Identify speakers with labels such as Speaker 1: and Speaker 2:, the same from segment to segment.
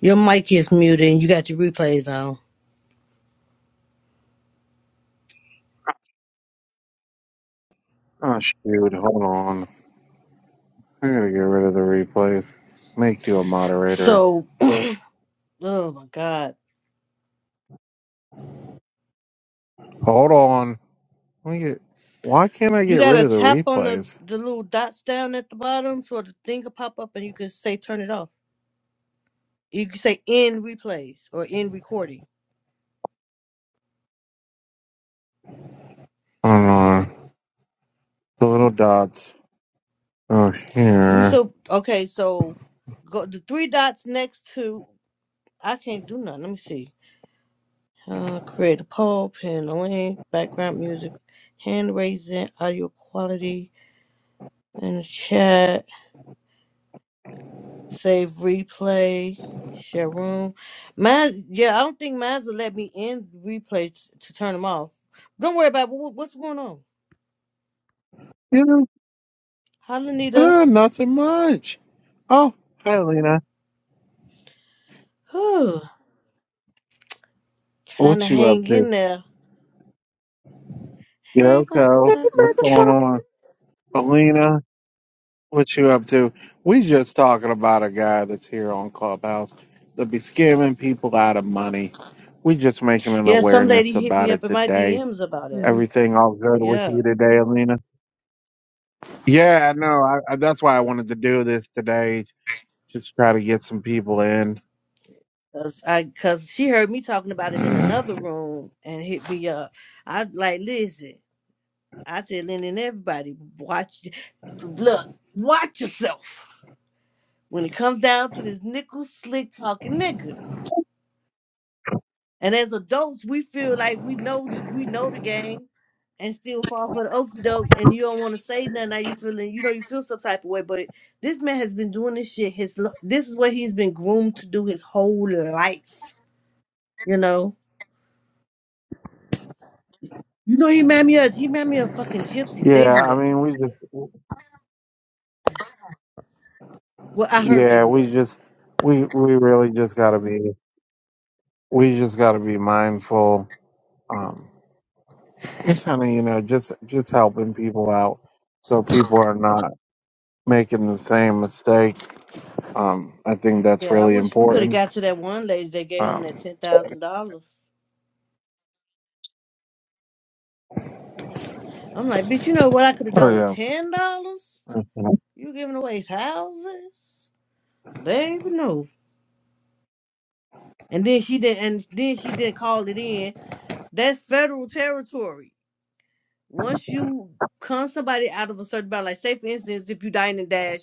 Speaker 1: Your mic is muted and you got your replays on.
Speaker 2: Oh shoot, hold on. I gotta get rid of the replays. Make you a moderator.
Speaker 1: So, oh my God.
Speaker 2: Hold on. Let me get why can't I
Speaker 1: You
Speaker 2: get
Speaker 1: got
Speaker 2: rid
Speaker 1: to
Speaker 2: of the
Speaker 1: tap on the,
Speaker 2: replays?
Speaker 1: the little dots down at the bottom so the thing will pop up and you can say turn it off. You can say end replays or end recording.
Speaker 2: Hold on. The little dots. Oh
Speaker 1: We
Speaker 2: here.
Speaker 1: so, okay, so go the three dots next to, I can't do nothing. Let me see. Uh, create a poll, pin a link, background music, hand raising, audio quality, and the chat. Save replay. Share room. Mine, yeah, I don't think mine's will let me in replay t- to turn them off. Don't worry about what, what's going on.
Speaker 2: You know,
Speaker 1: Hi, Lanita.
Speaker 2: ah, nothing much. Oh, hi Alina.
Speaker 1: Whew. Trying to
Speaker 2: What you up
Speaker 1: hang
Speaker 2: to?
Speaker 1: in there. Hey,
Speaker 2: Yoko, what's
Speaker 1: motherfucker.
Speaker 2: going on? Alina, What you up to? We just talking about a guy that's here on Clubhouse that be scamming people out of money. We just making an
Speaker 1: Yeah, some
Speaker 2: awareness
Speaker 1: lady hit
Speaker 2: about
Speaker 1: me up
Speaker 2: it
Speaker 1: in my
Speaker 2: today.
Speaker 1: DMs about it.
Speaker 3: Mm.
Speaker 2: Everything all good with
Speaker 1: Yeah.
Speaker 2: you today, Alina? Yeah, I know. I, I, that's why I wanted to do this today. Just try to get some people in.
Speaker 1: Cause I, cause she heard me talking about it in
Speaker 2: Mm.
Speaker 1: another room and hit me up. I like, listen, I tell Lynn and everybody, watch, look, watch yourself. when it comes down to this nickel slick talking nigga. And as adults, we feel like we know th- we know the game, and still fall for the okey doke. And you don't want to say nothing. Now you feeling you know you feel some type of way. But this man has been doing this shit. His lo- this is what he's been groomed to do his whole life. You know. You know he made me a he made me a fucking gypsies. They do
Speaker 2: Yeah, I
Speaker 1: that.
Speaker 2: mean, we just,
Speaker 1: Well, I heard they
Speaker 2: yeah,
Speaker 1: do
Speaker 2: we
Speaker 1: that.
Speaker 2: just, we we really just gotta be, we just gotta be mindful. um, Just kind of, you know, just just helping people out so people are not making the same mistake. Um, I think that's
Speaker 1: Yeah, I
Speaker 2: really
Speaker 1: wish we could have
Speaker 2: important.
Speaker 1: got to that one lady that gave him that
Speaker 2: Um,
Speaker 1: ten thousand dollars. I'm like, bitch, you know what I could have
Speaker 2: oh
Speaker 1: done with
Speaker 2: yeah,
Speaker 1: ten dollars? You giving away his houses, baby? No. And then she did, and then she did call it in. That's federal territory. once you con somebody out of a certain bound, like say for instance, if you dine and dash,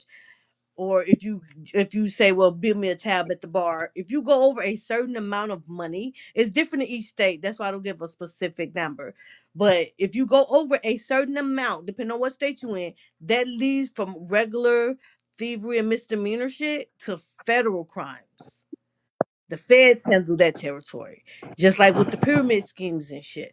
Speaker 1: or if you if you say, well, build me a tab at the bar, if you go over a certain amount of money, it's different in each state. That's why I don't give a specific number. But if you go over a certain amount, depending on what state you in, that leads from regular thievery and misdemeanor shit to federal crimes. The feds handle that territory, just like with the pyramid schemes and shit.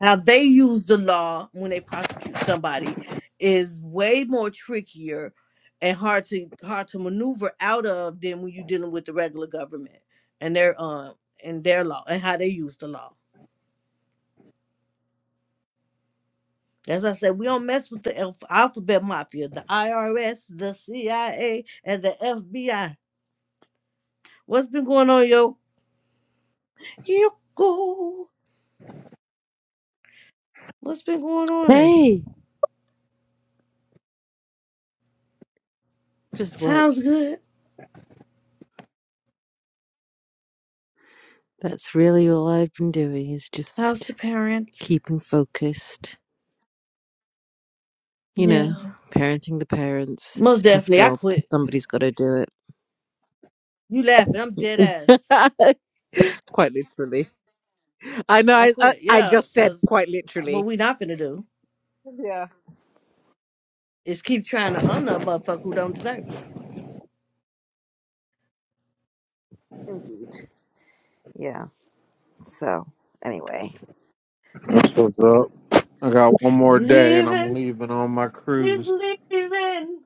Speaker 1: how they use the law when they prosecute somebody is way more trickier and hard to hard to maneuver out of than when you're dealing with the regular government and their um and their law and how they use the law. As I said, we don't mess with the alph- alphabet mafia, the IRS, the CIA, and the FBI. What's been going on, yo? You What's been going on?
Speaker 3: Hey, just work.
Speaker 1: Sounds good.
Speaker 3: That's really all I've been doing is
Speaker 1: How's
Speaker 3: just
Speaker 1: the parents?
Speaker 3: keeping focused. You know,
Speaker 1: Yeah.
Speaker 3: parenting the parents.
Speaker 1: Most
Speaker 3: It's a tough
Speaker 1: definitely. I
Speaker 3: job. but
Speaker 1: quit.
Speaker 3: Somebody's got to do it.
Speaker 1: You laughing? I'm dead ass.
Speaker 3: quite literally. I know.
Speaker 1: I
Speaker 3: I, I
Speaker 1: quit.
Speaker 3: I
Speaker 1: Yeah,
Speaker 3: just said
Speaker 1: cause
Speaker 3: quite
Speaker 1: what
Speaker 3: literally.
Speaker 1: we not finna do
Speaker 3: Yeah,
Speaker 1: is keep trying to honor a motherfucker who don't deserve it.
Speaker 3: indeed. Yeah. So, anyway,
Speaker 2: that's what's up. I got one more day and I'm
Speaker 1: Leaving,
Speaker 2: leaving on my
Speaker 1: he's
Speaker 2: cruise.
Speaker 1: leaving,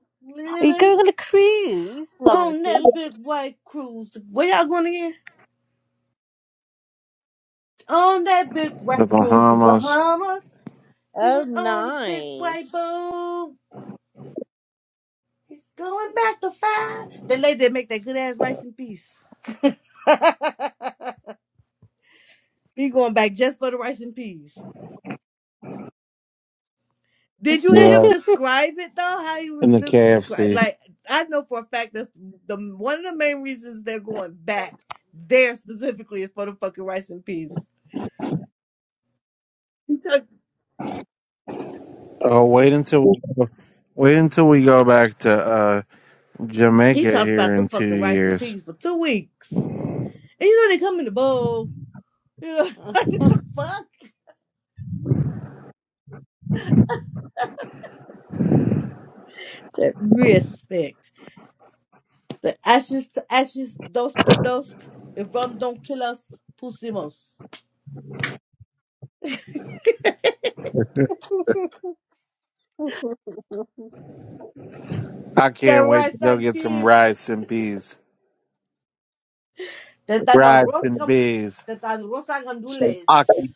Speaker 3: are you
Speaker 1: leaving
Speaker 3: going on a cruise,
Speaker 1: on
Speaker 3: Lancy?
Speaker 1: that big white cruise. Where y'all going again? On that big white
Speaker 2: The
Speaker 1: cruise to
Speaker 2: Bahamas,
Speaker 1: Bahamas. He
Speaker 3: Oh,
Speaker 1: was on the big white
Speaker 3: nice.
Speaker 1: boat. He's going back to five. That lady that make that good ass rice and peas. he going back just for the rice and peas. Did you hear him
Speaker 2: yeah,
Speaker 1: describe it though? How he
Speaker 2: and
Speaker 1: was
Speaker 2: the
Speaker 1: just described.
Speaker 2: KFC.
Speaker 1: Like I know for a fact that's the one of the main reasons they're going back there specifically is for the fucking rice and peas. He talked
Speaker 2: Oh, wait until we go, wait until we go back to uh,
Speaker 1: he
Speaker 2: Jamaica
Speaker 1: talked
Speaker 2: here
Speaker 1: about the
Speaker 2: in two
Speaker 1: fucking rice and
Speaker 2: years.
Speaker 1: peas for two weeks. And you know they come in the bowl. You know like, what the fuck? That respect. The ashes to ashes, dust to dust. If rum don't kill us, pusimos.
Speaker 2: I
Speaker 1: The
Speaker 2: can't wait
Speaker 1: rice
Speaker 2: to go
Speaker 1: and
Speaker 2: get some
Speaker 1: peas.
Speaker 2: rice and peas.
Speaker 1: Desde
Speaker 2: Rice
Speaker 1: nuestros
Speaker 2: and
Speaker 1: camp-
Speaker 2: peas.
Speaker 1: desde nuestros
Speaker 2: some
Speaker 1: gandules.
Speaker 2: aki,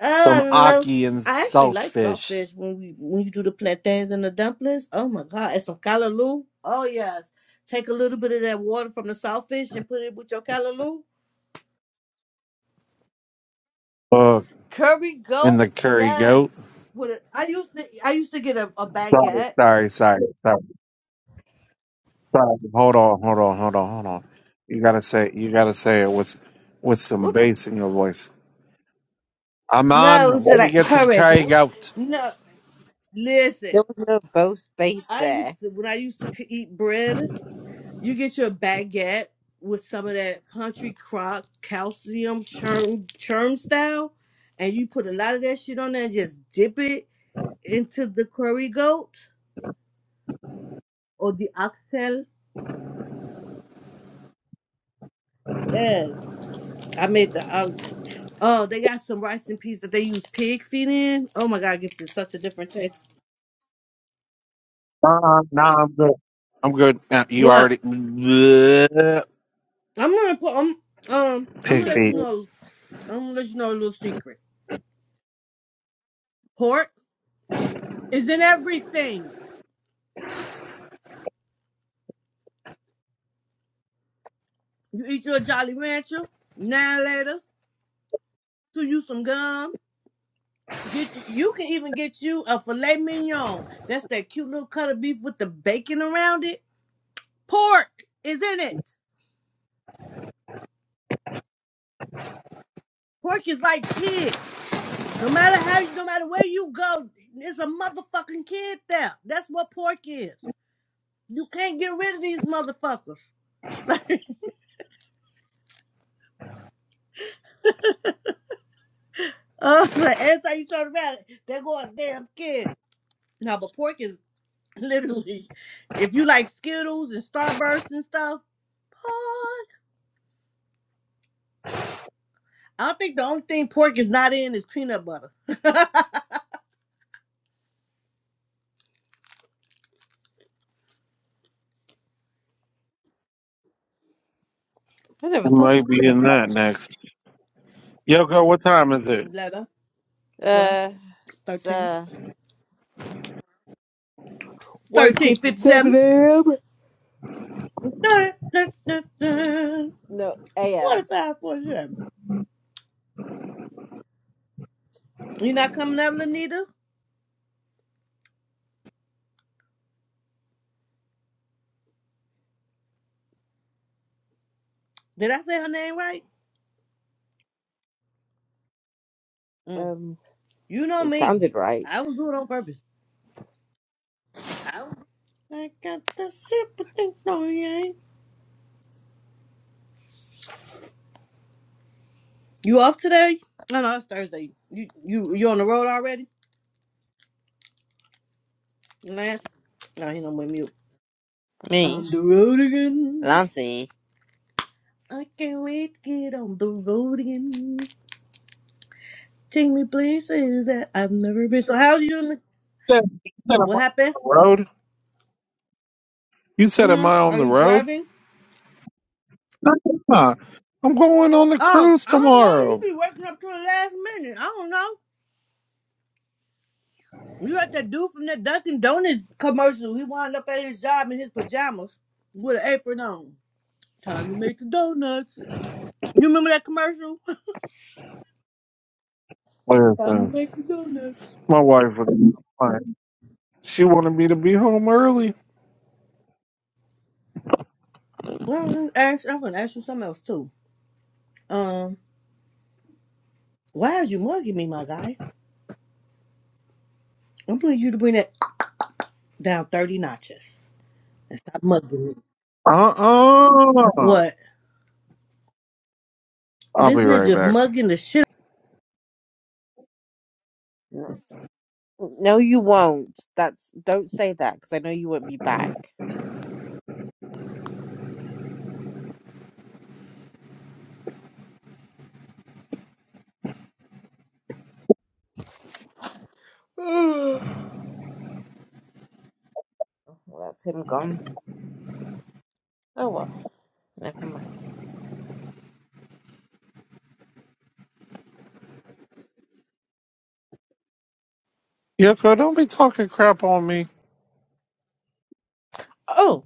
Speaker 1: Oh, I
Speaker 2: some
Speaker 1: love.
Speaker 2: aki and
Speaker 1: I actually like
Speaker 2: saltfish.
Speaker 1: saltfish when we when you do the plantains and the dumplings. Oh my god, and some callaloo. Oh yes, take a little bit of that water from the saltfish and put it with your callaloo.
Speaker 2: Oh,
Speaker 1: Curry
Speaker 2: and
Speaker 1: goat.
Speaker 2: the curry
Speaker 1: Yes.
Speaker 2: goat.
Speaker 1: With it, I used to I used to get a, a
Speaker 2: Sorry,
Speaker 1: baguette.
Speaker 2: sorry, sorry, sorry, sorry. Hold on, hold on, hold on, hold on. You gotta say, you gotta say it with with some
Speaker 1: What?
Speaker 2: bass in your voice. I'm on.
Speaker 1: No, it's
Speaker 2: Let me
Speaker 1: like
Speaker 2: get some
Speaker 1: curry
Speaker 2: curry
Speaker 1: goat.
Speaker 2: goat.
Speaker 1: No, listen.
Speaker 3: There was no bow space
Speaker 1: I
Speaker 3: there.
Speaker 1: used to when I used to c- eat bread. You get your baguette with some of that country crock calcium churn churn style, and you put a lot of that shit on there and just dip it into the curry goat or the oxtail. Yes, I made the. Um, oh, they got some rice and peas that they use pig feet in. Oh my god, it gives it such a different taste.
Speaker 2: Nah, no, I'm good. I'm good. Now, you
Speaker 1: What?
Speaker 2: already pig
Speaker 1: I'm gonna put. Um, um, I'm gonna let you
Speaker 2: feet.
Speaker 3: Picture.
Speaker 1: know. I'm gonna let you know a little secret. Pork is in everything. You eat your Jolly Rancher now later. to you some gum. Get you. You can even get you a filet mignon. That's that cute little cut of beef with the bacon around it. Pork is in it. Pork is like kids. No matter how, no matter where you go, there's a motherfucking kid there. That's what pork is. You can't get rid of these motherfuckers. Uh, like every time you turn around, they go a damn kid. Now, but pork is literally, if you like Skittles and Starbursts and stuff, I think the only thing pork is not in is peanut butter.
Speaker 3: I never
Speaker 2: We
Speaker 3: thought. of
Speaker 2: might be in that next. Yoko, what time is it?
Speaker 1: 11,
Speaker 3: it.
Speaker 1: 12,
Speaker 3: Uh, it's
Speaker 1: 13,
Speaker 3: uh one
Speaker 1: thirteen,
Speaker 3: fifty-seven
Speaker 1: fifty-seven,
Speaker 3: a.m.
Speaker 1: thirty, thirty,
Speaker 3: No a.m.
Speaker 1: forty-five, forty-seven. You not coming up, Lanita? Did I say her name right? Mm.
Speaker 3: Um,
Speaker 1: You know
Speaker 3: it
Speaker 1: me.
Speaker 3: sounded right.
Speaker 1: I was doing it on purpose. I got the super thing on yeah. You off today? No, no, it's Thursday. You you you on the road already? Last? No, he don't with mute.
Speaker 3: Me,
Speaker 1: On the road again.
Speaker 3: Lancy.
Speaker 1: I can't wait to get on the road again. Take me places that I've never been. So how's you in the
Speaker 2: You said you said, am I on
Speaker 1: what happened?
Speaker 2: the road? You said, am
Speaker 1: Mm-hmm.
Speaker 2: I on
Speaker 1: Are
Speaker 2: the
Speaker 1: you
Speaker 2: road?
Speaker 1: driving?
Speaker 2: Ah, I'm going on the
Speaker 1: Oh,
Speaker 2: cruise
Speaker 1: I don't know. You
Speaker 2: tomorrow.
Speaker 1: be working up to the last minute. I don't know. You like that dude from that Dunkin' Donuts commercial. He wound up at his job in his pajamas with an apron on. Time to make the donuts. You remember that commercial? Time to
Speaker 2: Listen,
Speaker 1: make the donuts.
Speaker 2: my wife was fine. She wanted me to be home early.
Speaker 1: Well, ask, I'm gonna ask you something else too. Um, why is you mugging me, my guy? I'm gonna need you to bring that down thirty notches and stop mugging me.
Speaker 2: Uh uh-uh. uh.
Speaker 1: What?
Speaker 2: I'll
Speaker 1: This
Speaker 2: be right
Speaker 1: ninja
Speaker 2: back.
Speaker 1: mugging the shit
Speaker 3: N- No, you won't. That's don't say that because I know you won't be back. well, that's him gone. Oh well, never mind.
Speaker 2: Yoko, don't be talking crap on me.
Speaker 3: Oh.